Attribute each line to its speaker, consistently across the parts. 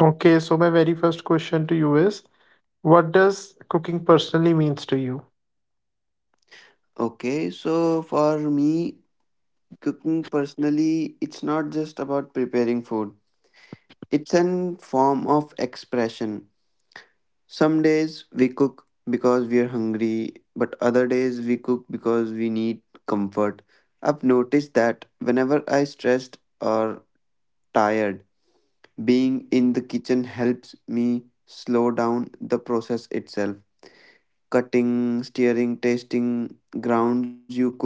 Speaker 1: Okay, so my very first question to you is what does cooking personally means to you?
Speaker 2: Okay, so for me, cooking personally, it's not just about preparing food. It's an form of expression. Some days we cook because we are hungry, but other days we cook because we need comfort. I've noticed that whenever I stressed or tired, being in the kitchen helps me slow down the process itself. Cutting, stirring, tasting grounds you cook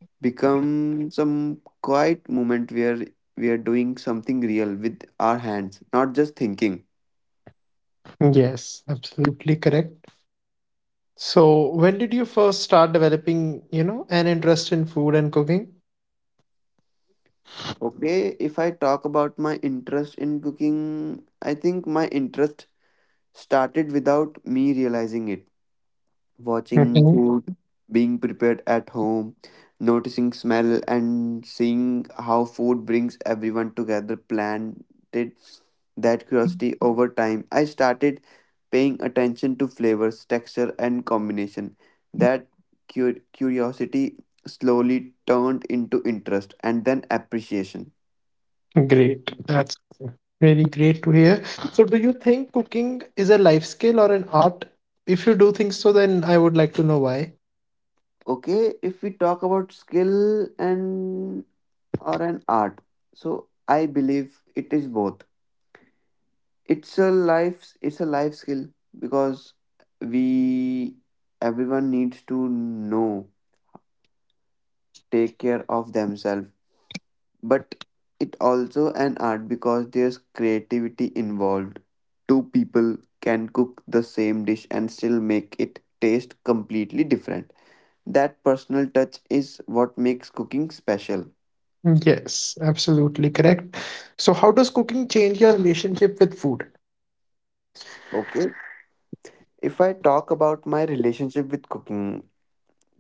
Speaker 2: become some quiet moment where we are doing something real with our hands, not just thinking.
Speaker 1: Yes, absolutely correct. So when did you first start developing, an interest in food and cooking?
Speaker 2: Okay, if I talk about my interest in cooking, I think my interest started without me realizing it. Watching
Speaker 1: Mhm.
Speaker 2: food being prepared at home, noticing smell and seeing how food brings everyone together planted that curiosity over time. I started paying attention to flavors, texture and combination. That curiosity slowly turned into interest and then appreciation.
Speaker 1: Great. That's really great to hear. So do you think cooking is a life skill or an art? If you do think so, then I would like to know why.
Speaker 2: Okay, if we talk about skill and or an art, so I believe it is both. It's a life skill because we everyone needs to know take care of themselves, but it also an art because there's creativity involved. Two people can cook the same dish and still make it taste completely different. That personal touch is what makes cooking special.
Speaker 1: Yes, absolutely correct. So how does cooking change your relationship with food?
Speaker 2: Okay, if I talk about my relationship with cooking,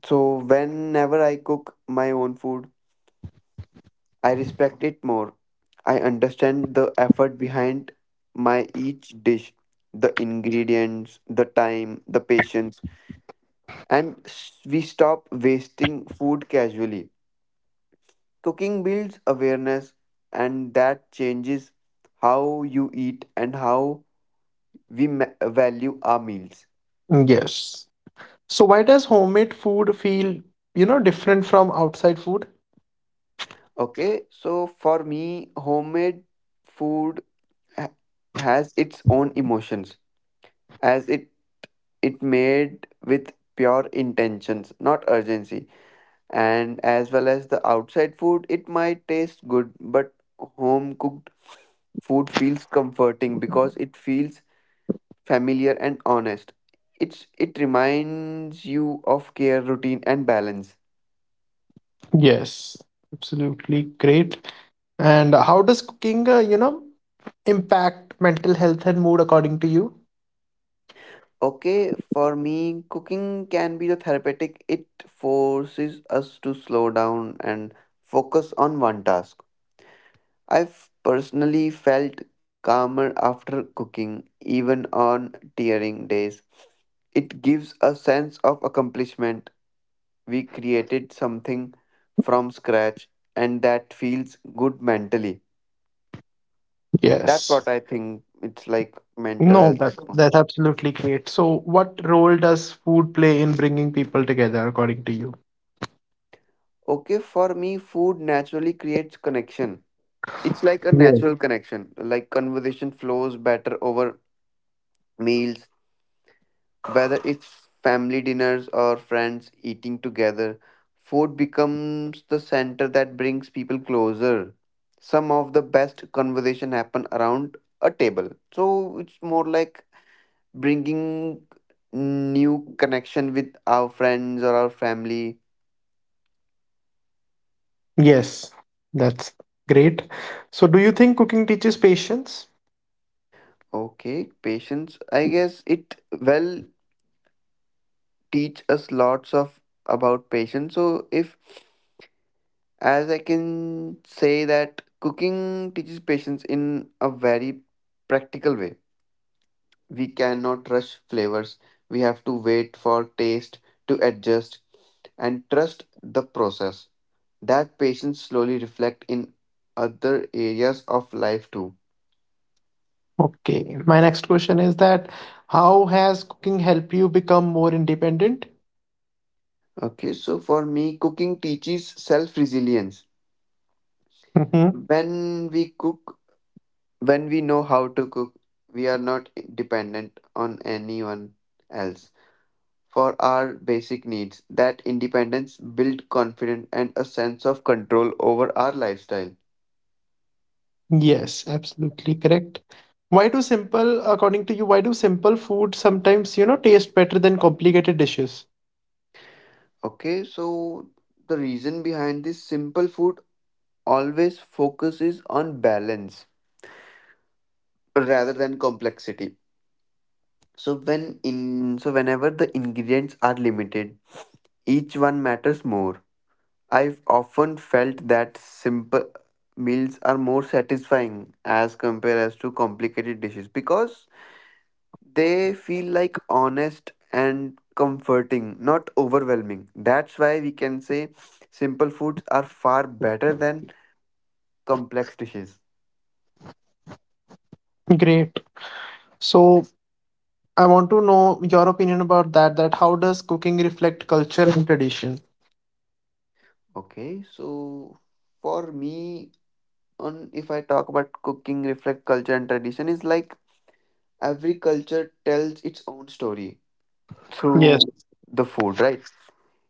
Speaker 2: so whenever I cook my own food, I respect it more. I understand the effort behind my each dish, the ingredients, the time, the patience, and we stop wasting food casually. Cooking builds awareness, and that changes how you eat and how we value our meals.
Speaker 1: Yes. So why does homemade food feel, different from outside food?
Speaker 2: Okay, so for me, homemade food ha- has its own emotions, as it it made with pure intentions, not urgency. And as well as the outside food, it might taste good, but home cooked food feels comforting because it feels familiar and honest. It's it reminds you of care, routine, and balance.
Speaker 1: Yes, absolutely great. And how does cooking, impact mental health and mood according to you?
Speaker 2: Okay, for me, cooking can be the therapeutic. It forces us to slow down and focus on one task. I've personally felt calmer after cooking, even on tearing days. It gives a sense of accomplishment. We created something from scratch, and that feels good mentally. That's
Speaker 1: Yes.
Speaker 2: what I think it's like mental
Speaker 1: No, that
Speaker 2: health.
Speaker 1: that's absolutely great. So, what role does food play in bringing people together, according to you?
Speaker 2: Okay, for me, food naturally creates connection. It's like a
Speaker 1: Yes.
Speaker 2: natural connection, like conversation flows better over meals. Whether it's family dinners or friends eating together, food becomes the center that brings people closer. Some of the best conversation happen around a table. So it's more like bringing new connection with our friends or our family.
Speaker 1: Yes, that's great. So do you think cooking teaches patience?
Speaker 2: Okay, patience. I guess it well teach us lots of about patience. So if as I can say that cooking teaches patience in a very practical way. We cannot rush flavors. We have to wait for taste to adjust and trust the process. That patience slowly reflect in other areas of life too.
Speaker 1: Okay. My next question is that how has cooking helped you become more independent?
Speaker 2: Okay, so for me, cooking teaches self resilience.
Speaker 1: Mm-hmm.
Speaker 2: When we cook, when we know how to cook, we are not dependent on anyone else for our basic needs. That independence build confidence and a sense of control over our lifestyle.
Speaker 1: Yes, absolutely correct. Why do simple, according to you, why do simple food sometimes, taste better than complicated dishes?
Speaker 2: Okay, so the reason behind this simple food always focuses on balance rather than complexity. So when in so whenever the ingredients are limited, each one matters more. I've often felt that simple meals are more satisfying as compared as to complicated dishes because they feel like honest and comforting, not overwhelming. That's why we can say simple foods are far better than complex dishes.
Speaker 1: Great. So I want to know your opinion about that, that how does cooking reflect culture and tradition?
Speaker 2: Okay, so for me, on if I talk about cooking, reflect culture and tradition, is like every culture tells its own story
Speaker 1: Yes.
Speaker 2: through the food, right?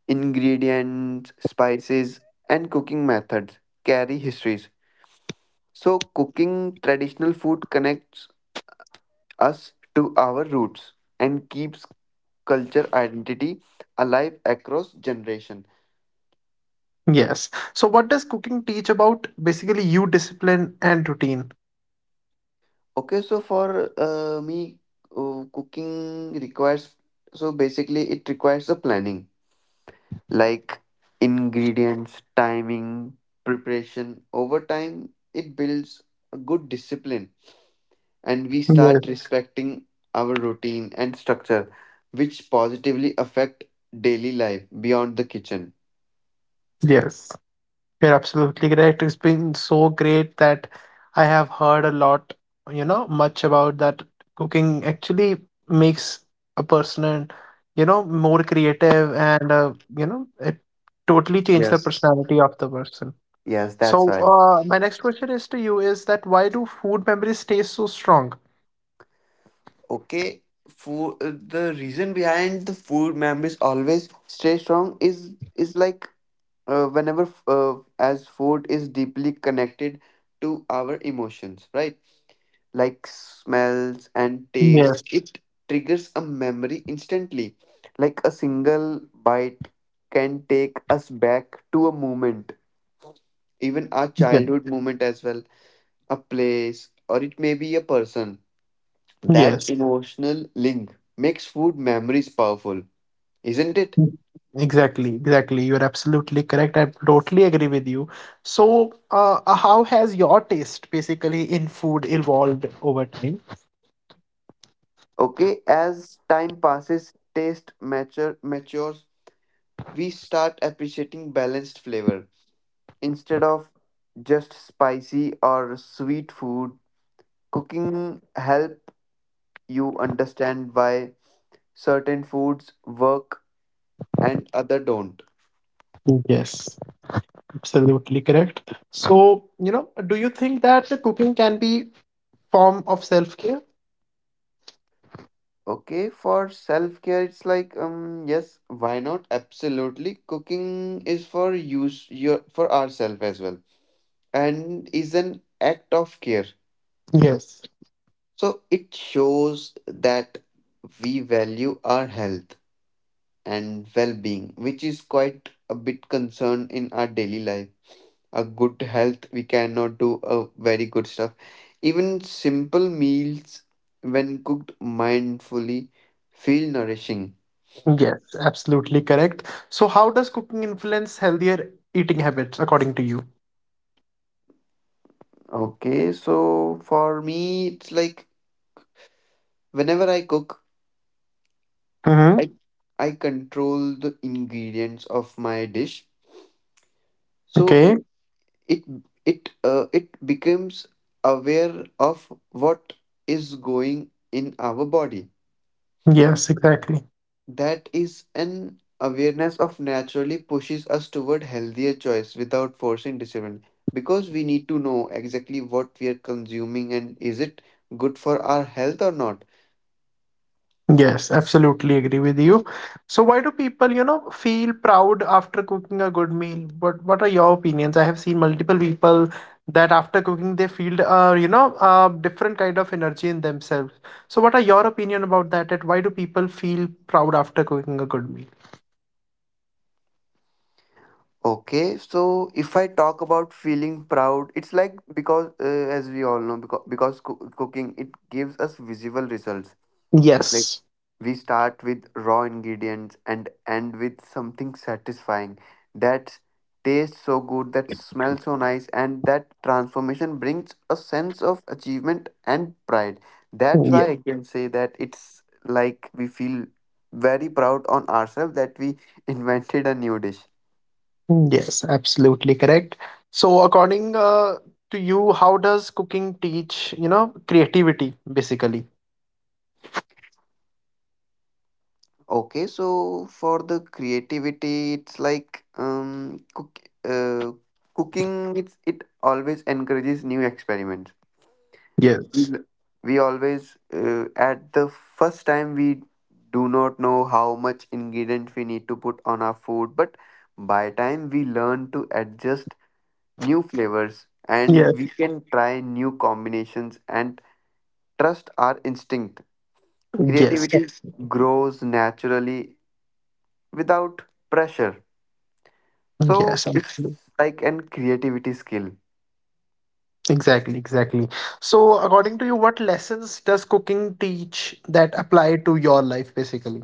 Speaker 2: Ingredients, spices, and cooking methods carry histories. So, cooking traditional food connects us to our roots and keeps culture identity alive across generation.
Speaker 1: Yes. So what does cooking teach about basically you discipline and routine?
Speaker 2: Okay, so for me, cooking requires, so basically it requires a planning, like ingredients timing preparation. Over time it builds a good discipline and we
Speaker 1: Yes.
Speaker 2: start respecting our routine and structure, which positively affect daily life beyond the kitchen.
Speaker 1: Yes. You're absolutely correct. It's been so great that I have heard a lot, much about that cooking actually makes a person, and, you know, more creative and, you know, it totally changes the
Speaker 2: Yes,
Speaker 1: personality of the person.
Speaker 2: yes, that's
Speaker 1: So,
Speaker 2: right.
Speaker 1: my next question is to you is that why do food memories stay so strong?
Speaker 2: Okay, food. The reason behind the food memories always stay strong is like whenever as food is deeply connected to our emotions, right? Like smells and taste,
Speaker 1: Yes.
Speaker 2: it triggers a memory instantly. Like a single bite can take us back to a moment, even our
Speaker 1: Yeah.
Speaker 2: childhood moment as well, a place, or it may be a person. That
Speaker 1: Yes.
Speaker 2: emotional link makes food memories powerful, isn't it?
Speaker 1: Exactly, exactly. You're absolutely correct. I totally agree with you. So, how has your taste basically in food evolved over time?
Speaker 2: Okay, as time passes, matures, we start appreciating balanced flavor. Instead of just spicy or sweet food, cooking help you understand why certain foods work and other don't.
Speaker 1: Yes, absolutely correct. So, do you think that the cooking can be form of self-care?
Speaker 2: Okay, for self care, it's like yes, why not? Absolutely, cooking is for use your for ourselves as well, and is an act of care.
Speaker 1: Yes,
Speaker 2: So it shows that we value our health and well being, which is quite a bit concern in our daily life. A good health, we cannot do a very good stuff. Even simple meals, when cooked mindfully, feel nourishing.
Speaker 1: yes, absolutely correct. So, how does cooking influence healthier eating habits according to you?
Speaker 2: Okay, so for me, it's like whenever I cook,
Speaker 1: Mm-hmm.
Speaker 2: I I control the ingredients of my dish. So
Speaker 1: Okay.
Speaker 2: it it becomes aware of what is going in our body.
Speaker 1: Yes, exactly.
Speaker 2: That is an awareness of naturally pushes us toward healthier choice without forcing discipline, because we need to know exactly what we are consuming and is it good for our health or not.
Speaker 1: Yes, absolutely agree with you. So why do people, feel proud after cooking a good meal? What are your opinions? I have seen multiple people that after cooking they feel different kind of energy in themselves. So what are your opinion about that? That why do people feel proud after cooking a good meal?
Speaker 2: Okay, so if I talk about feeling proud, it's like because as we all know, because cooking it gives us visible results. Like
Speaker 1: Yes.
Speaker 2: we start with raw ingredients and end with something satisfying that tastes so good, that smells so nice, and that transformation brings a sense of achievement and pride. That's
Speaker 1: Yeah.
Speaker 2: why I can say that it's like we feel very proud on ourselves that we invented a new dish.
Speaker 1: Yes, absolutely correct. So according to you, how does cooking teach, creativity basically?
Speaker 2: Okay, so for the creativity, it's like uh, cooking. It's it always encourages new experiments.
Speaker 1: Yes.
Speaker 2: Mm. We always at the first time we do not know how much ingredient we need to put on our food, but by time we learn to adjust new flavors and we
Speaker 1: Yes.
Speaker 2: can try new combinations and trust our instinct.
Speaker 1: Yes.
Speaker 2: Creativity grows naturally without pressure. So
Speaker 1: Yes,
Speaker 2: it's
Speaker 1: absolutely.
Speaker 2: like an creativity skill.
Speaker 1: Exactly, exactly. So, according to you, what lessons does cooking teach that apply to your life basically?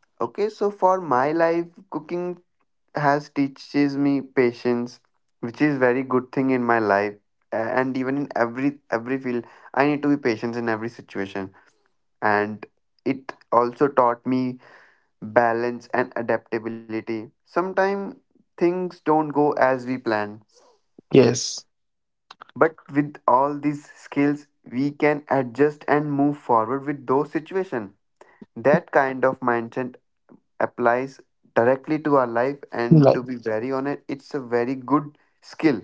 Speaker 2: Okay, so for my life, cooking has teaches me patience, which is very good thing in my life, and even in every field, I need to be patient in every situation. And it also taught me balance and adaptability. Sometimes things don't go as we plan,
Speaker 1: Yes.
Speaker 2: but with all these skills, we can adjust and move forward with those situations. That kind of mindset applies directly to our life, and
Speaker 1: Like,
Speaker 2: to be very honest it's a very good skill.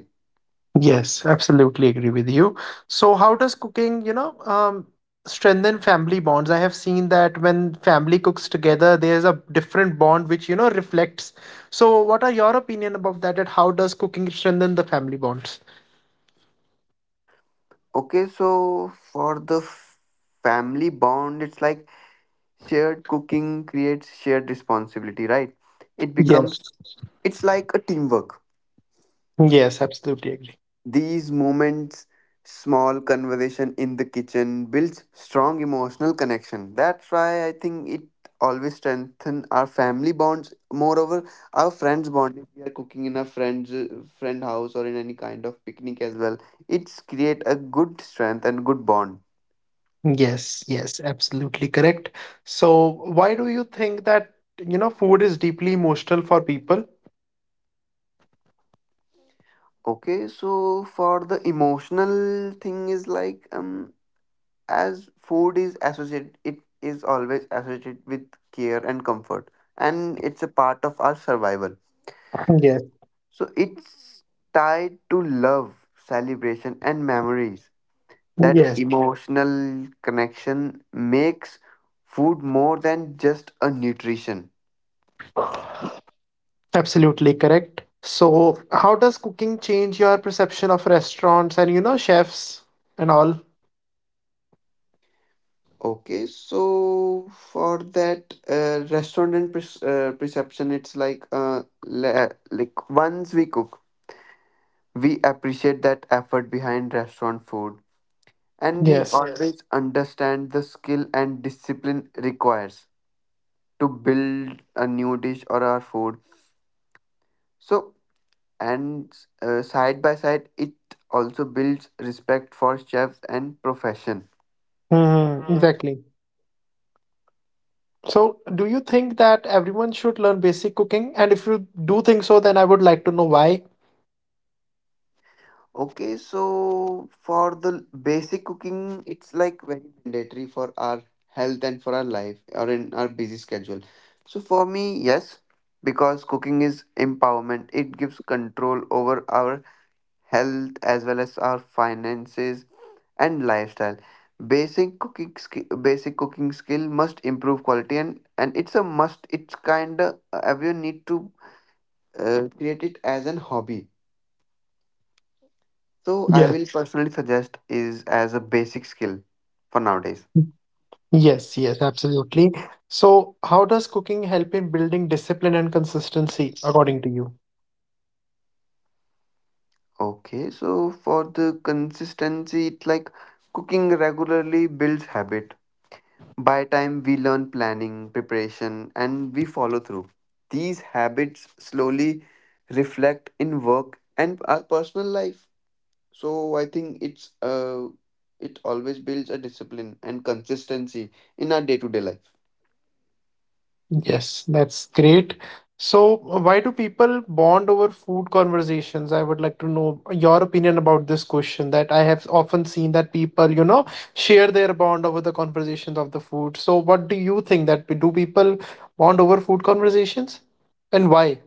Speaker 1: yes, absolutely agree with you. So, how does cooking, strengthen family bonds? I have seen that when family cooks together, there's a different bond which, reflects. So, what are your opinion about that? That how does cooking strengthen the family bonds?
Speaker 2: Okay, so for the family bond, it's like shared cooking creates shared responsibility, right? It becomes
Speaker 1: Yes.
Speaker 2: it's like a teamwork.
Speaker 1: Yes, absolutely agree.
Speaker 2: These moments, small conversation in the kitchen, builds strong emotional connection. That's why I think it always strengthen our family bonds. Moreover, our friends bond. If we are cooking in a friend house or in any kind of picnic as well, it's create a good strength and good bond.
Speaker 1: Yes, yes, absolutely correct. So, why do you think that, food is deeply emotional for people?
Speaker 2: Okay, so for the emotional thing is like as food is associated it is always associated with care and comfort, and it's a part of our survival,
Speaker 1: Yes,
Speaker 2: so it's tied to love celebration and memories. That
Speaker 1: yes,
Speaker 2: emotional connection makes food more than just a nutrition.
Speaker 1: absolutely correct. So, how does cooking change your perception of restaurants and, chefs and all?
Speaker 2: Okay, so for that restaurant and perception, it's like like once we cook we appreciate that effort behind restaurant food, and we yes
Speaker 1: Yes,
Speaker 2: always understand the skill and discipline requires to build a new dish or our food. So and side by side it also builds respect for chefs and profession.
Speaker 1: Mhm, exactly. So, do you think that everyone should learn basic cooking? And if you do think so, then I would like to know why.
Speaker 2: Okay, so for the basic cooking, it's like very mandatory for our health and for our life or in our busy schedule. So for me, yes, because cooking is empowerment. It gives control over our health as well as our finances and lifestyle. Basic cooking skill must improve quality, and it's a must. It's kind of everyone need to create it as an hobby. So I
Speaker 1: Yes.
Speaker 2: will personally suggest is as a basic skill for nowadays.
Speaker 1: Yes, yes, absolutely. So, how does cooking help in building discipline and consistency, according to you?
Speaker 2: Okay, so for the consistency, it's like cooking regularly builds habit. By time we learn planning, preparation, and we follow through. These habits slowly reflect in work and our personal life. So I think it always builds a discipline and consistency in our day-to-day life.
Speaker 1: Yes, that's great. So, why do people bond over food conversations? I would like to know your opinion about this question that I have often seen that people, share their bond over the conversations of the food. So, what do you think that do people bond over food conversations and why?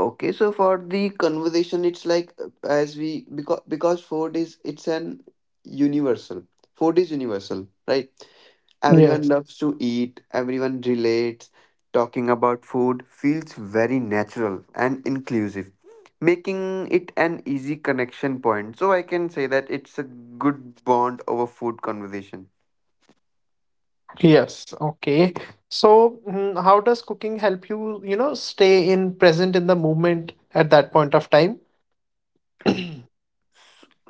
Speaker 2: Okay, so for the conversation, it's like as we because food is it's an universal. Food is universal, right? Everyone loves to eat. Everyone relates. Talking about food feels very natural and inclusive, making it an easy connection point. So I can say that it's a good bond over food conversation.
Speaker 1: Yes, okay. So, how does cooking help you, stay in present in the moment at that point of time?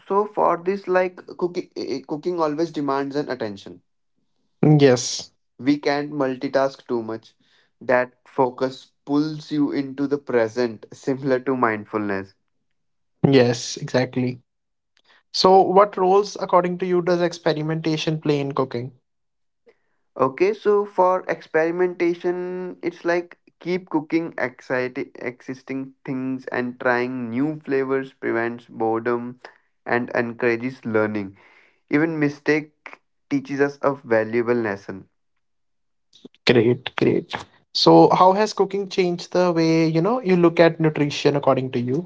Speaker 2: So for this, like cooking always demands an attention.
Speaker 1: Yes,
Speaker 2: We can't multitask too much. That focus pulls you into the present, similar to mindfulness.
Speaker 1: yes, exactly. So, what roles, according to you, does experimentation play in cooking?
Speaker 2: Okay, so for experimentation, it's like keep cooking exciting existing things and trying new flavors prevents boredom and encourages learning. Even mistake teaches us a valuable lesson.
Speaker 1: Great, great. So, how has cooking changed the way, you look at nutrition, according to you?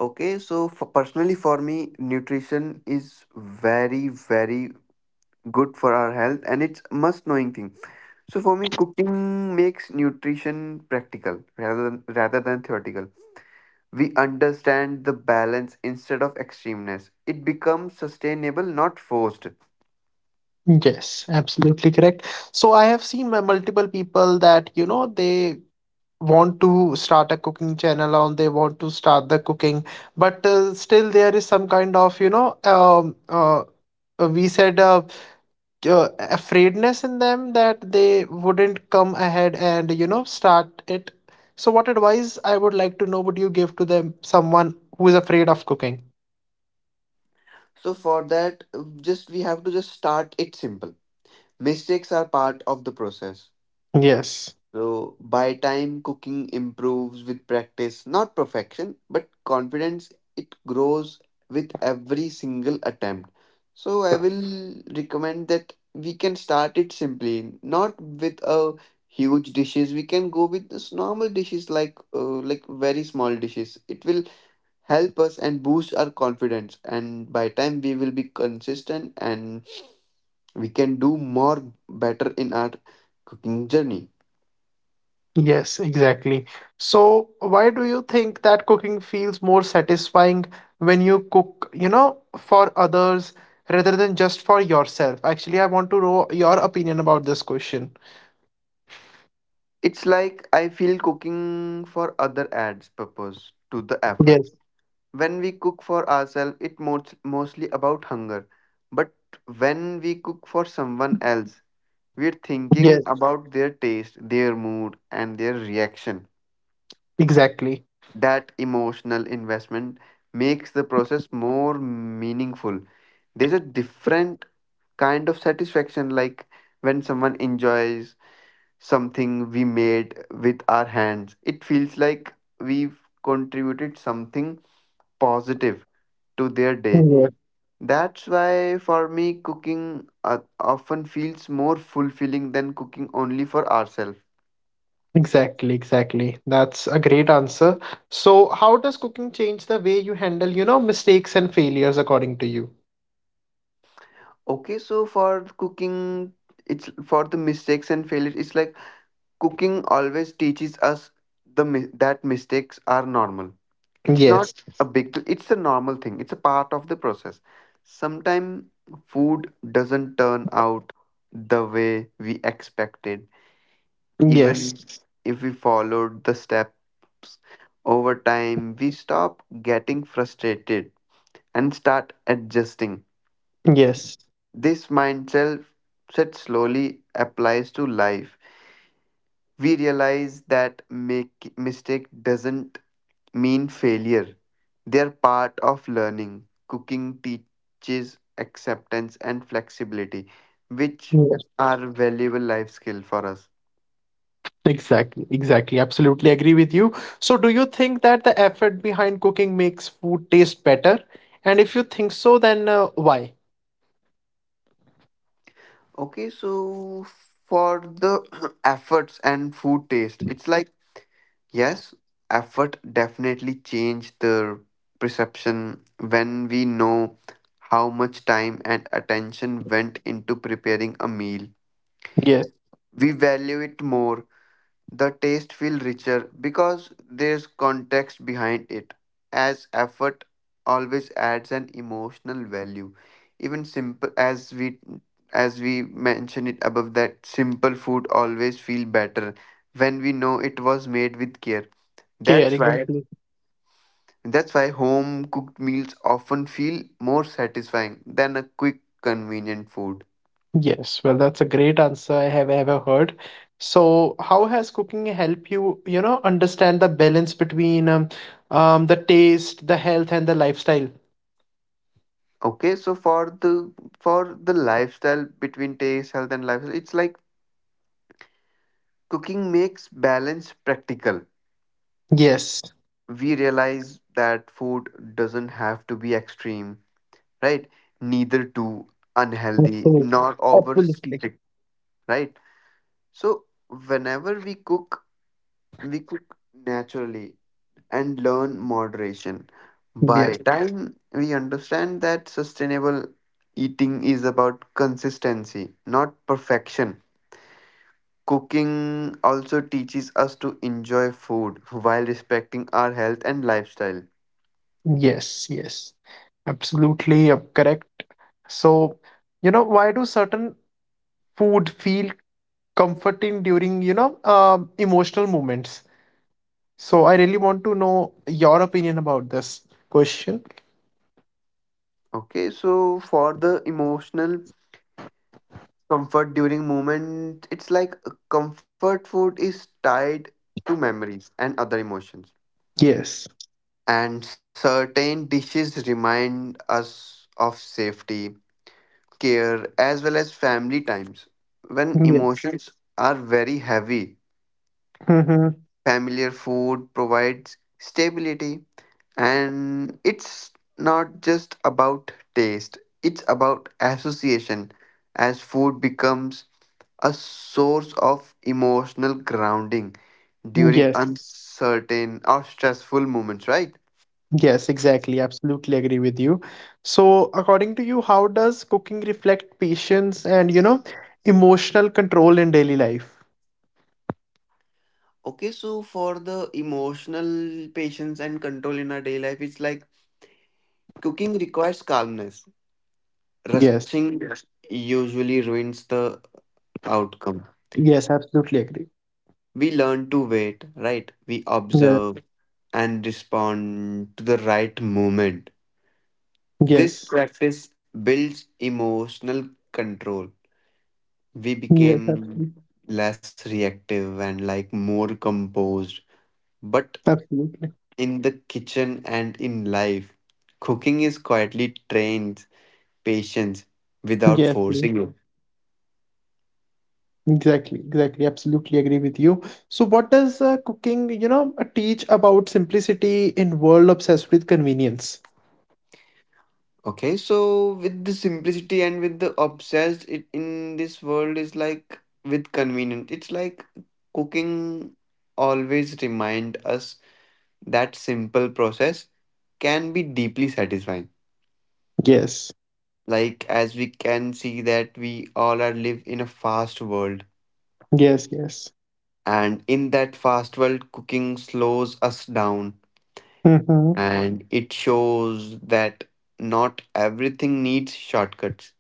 Speaker 2: Okay, so for personally for me, nutrition is very very good for our health and it's must knowing thing. So for me, cooking makes nutrition practical rather than theoretical. We understand the balance instead of extremeness. It becomes sustainable, not forced.
Speaker 1: Yes, absolutely correct. So I have seen my multiple people that, they want to start a cooking channel on they want to start the cooking but still there is some kind of we said afraidness in them that they wouldn't come ahead and start it. So what advice I would like to know would you give to them someone who is afraid of cooking?
Speaker 2: So for that, just we have to just start it simple. Mistakes are part of the process.
Speaker 1: Yes.
Speaker 2: So by time cooking improves with practice, not perfection, but confidence it grows with every single attempt. So I will recommend that we can start it simply, not with a huge dishes. We can go with this normal dishes like very small dishes. It will help us and boost our confidence, and by time we will be consistent and we can do more better in our cooking journey.
Speaker 1: Yes, exactly. So, why do you think that cooking feels more satisfying when you cook, for others rather than just for yourself? Actually, I want to know your opinion about this question.
Speaker 2: It's like I feel cooking for other adds purpose to the effort.
Speaker 1: Yes,
Speaker 2: When we cook for ourselves, mostly about hunger. But when we cook for someone else, we're thinking
Speaker 1: yes,
Speaker 2: about their taste, their mood, and their reaction.
Speaker 1: exactly.
Speaker 2: That emotional investment makes the process more meaningful. There's a different kind of satisfaction, like when someone enjoys something we made with our hands. It feels like we've contributed something positive to their day.
Speaker 1: Yeah.
Speaker 2: That's why for me, cooking often feels more fulfilling than cooking only for ourselves.
Speaker 1: Exactly, exactly. That's a great answer. So, how does cooking change the way you handle, mistakes and failures according to you?
Speaker 2: Okay, so for cooking, it's for the mistakes and failures. It's like cooking always teaches us that mistakes are normal. It's not
Speaker 1: Yes,
Speaker 2: a big deal. It's a normal thing. It's a part of the process. Sometimes food doesn't turn out the way we expected, even
Speaker 1: yes,
Speaker 2: Mhm. if we followed the steps. Over time, we stop getting frustrated and start adjusting.
Speaker 1: yes,
Speaker 2: This mindset set slowly applies to life. We realize that make mistake doesn't mean failure, they're part of learning. Cooking teaches acceptance and flexibility, which
Speaker 1: yes.
Speaker 2: are valuable life skill for us.
Speaker 1: Exactly, exactly. Absolutely agree with you. So, do you think that the effort behind cooking makes food taste better? And if you think so, then why?
Speaker 2: Okay, so for the efforts and food taste, it's like yes, effort definitely change the perception. When we know how much time and attention went into preparing a meal,
Speaker 1: Yes,
Speaker 2: we value it more. The taste feels richer because there's context behind it, as effort always adds an emotional value. Even simple, as we mentioned it above, that simple food always feel better when we know it was made with care.
Speaker 1: yeah,
Speaker 2: That's why Right.
Speaker 1: exactly.
Speaker 2: that's why home cooked meals often feel more satisfying than a quick convenient food.
Speaker 1: Yes, well, that's a great answer I have ever heard. So, how has cooking helped you, understand the balance between the taste, the health, and the lifestyle?
Speaker 2: Okay, so for the lifestyle between taste, health, and lifestyle, it's like cooking makes balance practical.
Speaker 1: Yes,
Speaker 2: We realize that food doesn't have to be extreme, right? Neither too unhealthy,
Speaker 1: absolutely,
Speaker 2: nor over
Speaker 1: absolutely.
Speaker 2: strict, right? So whenever we cook naturally and learn moderation. By
Speaker 1: Yes.
Speaker 2: time we understand that sustainable eating is about consistency, not perfection. Cooking also teaches us to enjoy food while respecting our health and lifestyle.
Speaker 1: Yes, yes, absolutely correct. So, why do certain food feel comforting during, emotional moments? So, I really want to know your opinion about this question.
Speaker 2: Okay, so for the emotional comfort during moment, it's like comfort food is tied to memories and other emotions.
Speaker 1: Yes.
Speaker 2: And certain dishes remind us of safety, care, as well as family times. When
Speaker 1: Yeah.
Speaker 2: emotions are very heavy,
Speaker 1: Mm-hmm.
Speaker 2: familiar food provides stability, and it's not just about taste, it's about association, as food becomes a source of emotional grounding during
Speaker 1: Yes.
Speaker 2: uncertain or stressful moments, right?
Speaker 1: Yes, exactly. Absolutely agree with you. So, according to you, how does cooking reflect patience and, emotional control in daily life?
Speaker 2: Okay, so for the emotional patience and control in our day life, it's like cooking requires calmness.
Speaker 1: Yes.
Speaker 2: Rushing usually ruins the outcome.
Speaker 1: Yes, absolutely agree.
Speaker 2: We learn to wait, right, we
Speaker 1: Yes.
Speaker 2: observe and respond to the right moment. This
Speaker 1: Yes.
Speaker 2: practice builds emotional control. We
Speaker 1: Yes, absolutely.
Speaker 2: became less reactive and like more composed, but
Speaker 1: Absolutely.
Speaker 2: in the kitchen and in life, cooking is quietly trains patience without
Speaker 1: Yes, yes,
Speaker 2: forcing it.
Speaker 1: exactly, exactly. Absolutely agree with you. So, what does cooking, teach about simplicity in world obsessed with convenience?
Speaker 2: Okay, so with the simplicity and with the obsessed it in this world is like with convenience. It's like cooking always remind us that simple process can be deeply satisfying.
Speaker 1: Yes,
Speaker 2: Like, as we can see that we all are live in a fast world,
Speaker 1: yes, yes.
Speaker 2: and in that fast world cooking slows us down,
Speaker 1: hmm
Speaker 2: and it shows that not everything needs shortcuts.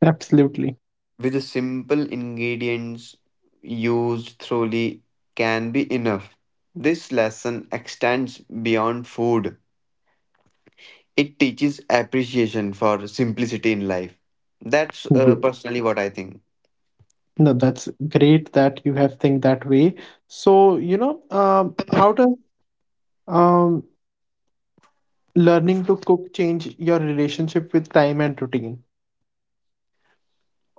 Speaker 1: Absolutely.
Speaker 2: With the simple ingredients used thoroughly can be enough. This lesson extends beyond food. It teaches appreciation for simplicity in life. That's
Speaker 1: Yes.
Speaker 2: personally what I think.
Speaker 1: No, that's great that you have think that way. So, how does um learning to cook change your relationship with time and routine?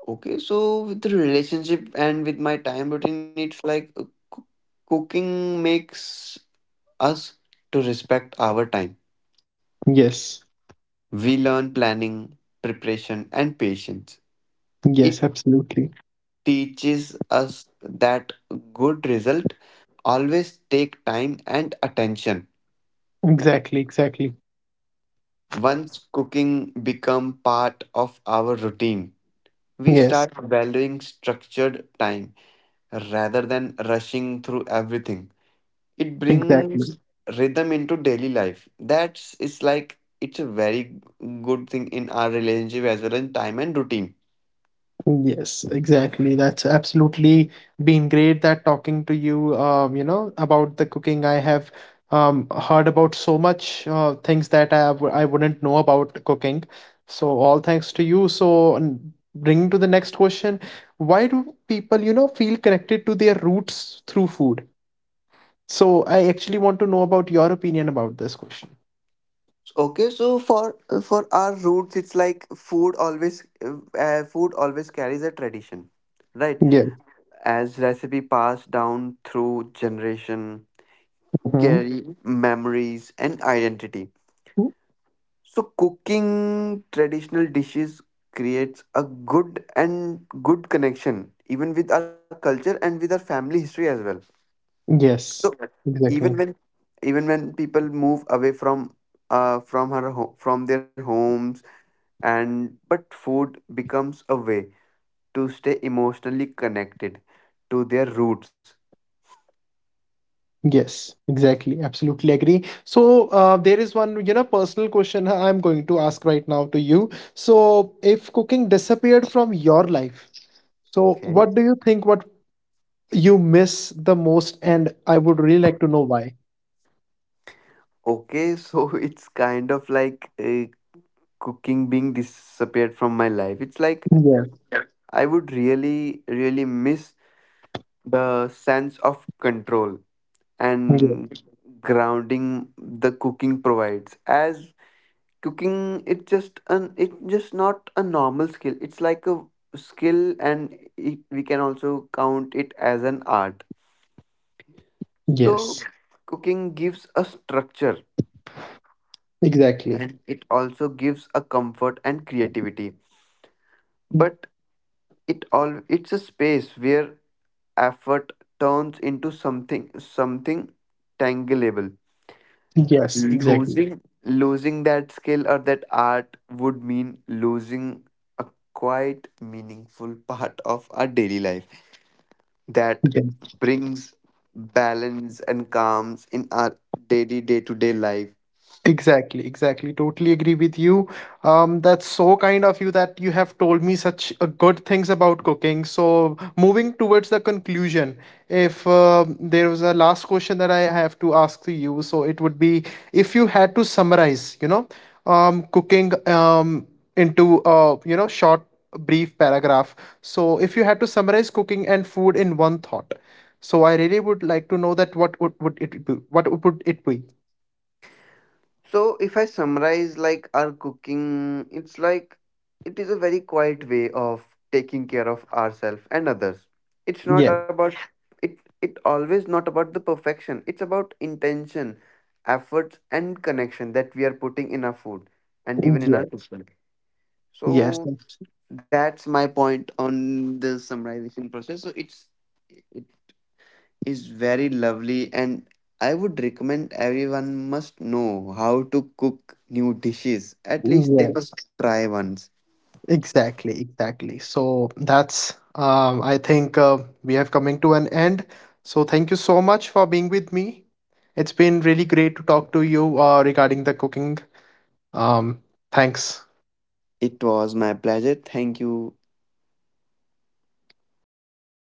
Speaker 2: Okay, so with the relationship and with my time routine, it's like coo- cooking makes us to respect our time.
Speaker 1: Yes,
Speaker 2: We learn planning, preparation, and patience. It
Speaker 1: yes, absolutely.
Speaker 2: teaches us that good result always take time and attention.
Speaker 1: Exactly, exactly.
Speaker 2: Once cooking become part of our routine, we
Speaker 1: Yes.
Speaker 2: start valuing structured time rather than rushing through everything. It
Speaker 1: Exactly.
Speaker 2: brings rhythm into daily life. That's, it's like, it's a very good thing in our relationship as well as time and routine.
Speaker 1: Yes, exactly. That's absolutely been great that talking to you, you know, about the cooking. I have heard about so much things that I wouldn't know about cooking. So all thanks to you. So bringing to the next question, why do people, feel connected to their roots through food? So I actually want to know about your opinion about this question.
Speaker 2: Okay, so for our roots, it's like food always carries a tradition, right?
Speaker 1: Yes.
Speaker 2: As recipe passed down through generation,
Speaker 1: hmm
Speaker 2: carry memories and identity. So cooking traditional dishes creates a good and good connection even with our culture and with our family history as well. So
Speaker 1: Yes,
Speaker 2: even
Speaker 1: exactly.
Speaker 2: when even when people move away from from their homes, and but food becomes a way to stay emotionally connected to their roots.
Speaker 1: Yes, exactly. Absolutely agree. So there is one, personal question I'm going to ask right now to you. So if cooking disappeared from your life, so
Speaker 2: Okay.
Speaker 1: what do you think what you miss the most? And I would really like to know why.
Speaker 2: Okay, so it's kind of like cooking being disappeared from my life. It's like
Speaker 1: Yes.
Speaker 2: I would really, really miss the sense of control
Speaker 1: Yes.
Speaker 2: and grounding the cooking provides. As cooking, it's just not a normal skill. It's like a skill, and it, we can also count it as an art. So, Yeah.
Speaker 1: Yes.
Speaker 2: Cooking gives a structure, and
Speaker 1: Exactly.
Speaker 2: it also gives a comfort and creativity. But it all, it's a space where effort turns into something tangible.
Speaker 1: Yes, exactly.
Speaker 2: Losing that skill or that art would mean losing a quite meaningful part of our daily life that brings balance and calms in our daily day-to-day life.
Speaker 1: Exactly, exactly. Totally agree with you. That's so kind of you that you have told me such good things about cooking. So, moving towards the conclusion, if there was a last question that I have to ask to you, so it would be if you had to summarize, cooking into a, you know, short, brief paragraph. So, if you had to summarize cooking and food in one thought, so I really would like to know that what would it be? What would it be?
Speaker 2: So if I summarize like our cooking, it's like it is a very quiet way of taking care of ourselves and others. It's not
Speaker 1: Yeah.
Speaker 2: about, it always not about the perfection. It's about intention, efforts and connection that we are putting in our food and even in our cooking.
Speaker 1: Yes,
Speaker 2: So that's my point on the summarization process. So it's, it is very lovely, and I would recommend everyone must know how to cook new dishes. At least they
Speaker 1: yes,
Speaker 2: must try once.
Speaker 1: exactly, exactly. So that's, I think we have coming to an end. So thank you so much for being with me. It's been really great to talk to you regarding the cooking. Um, Thanks.
Speaker 2: It was my pleasure. Thank you.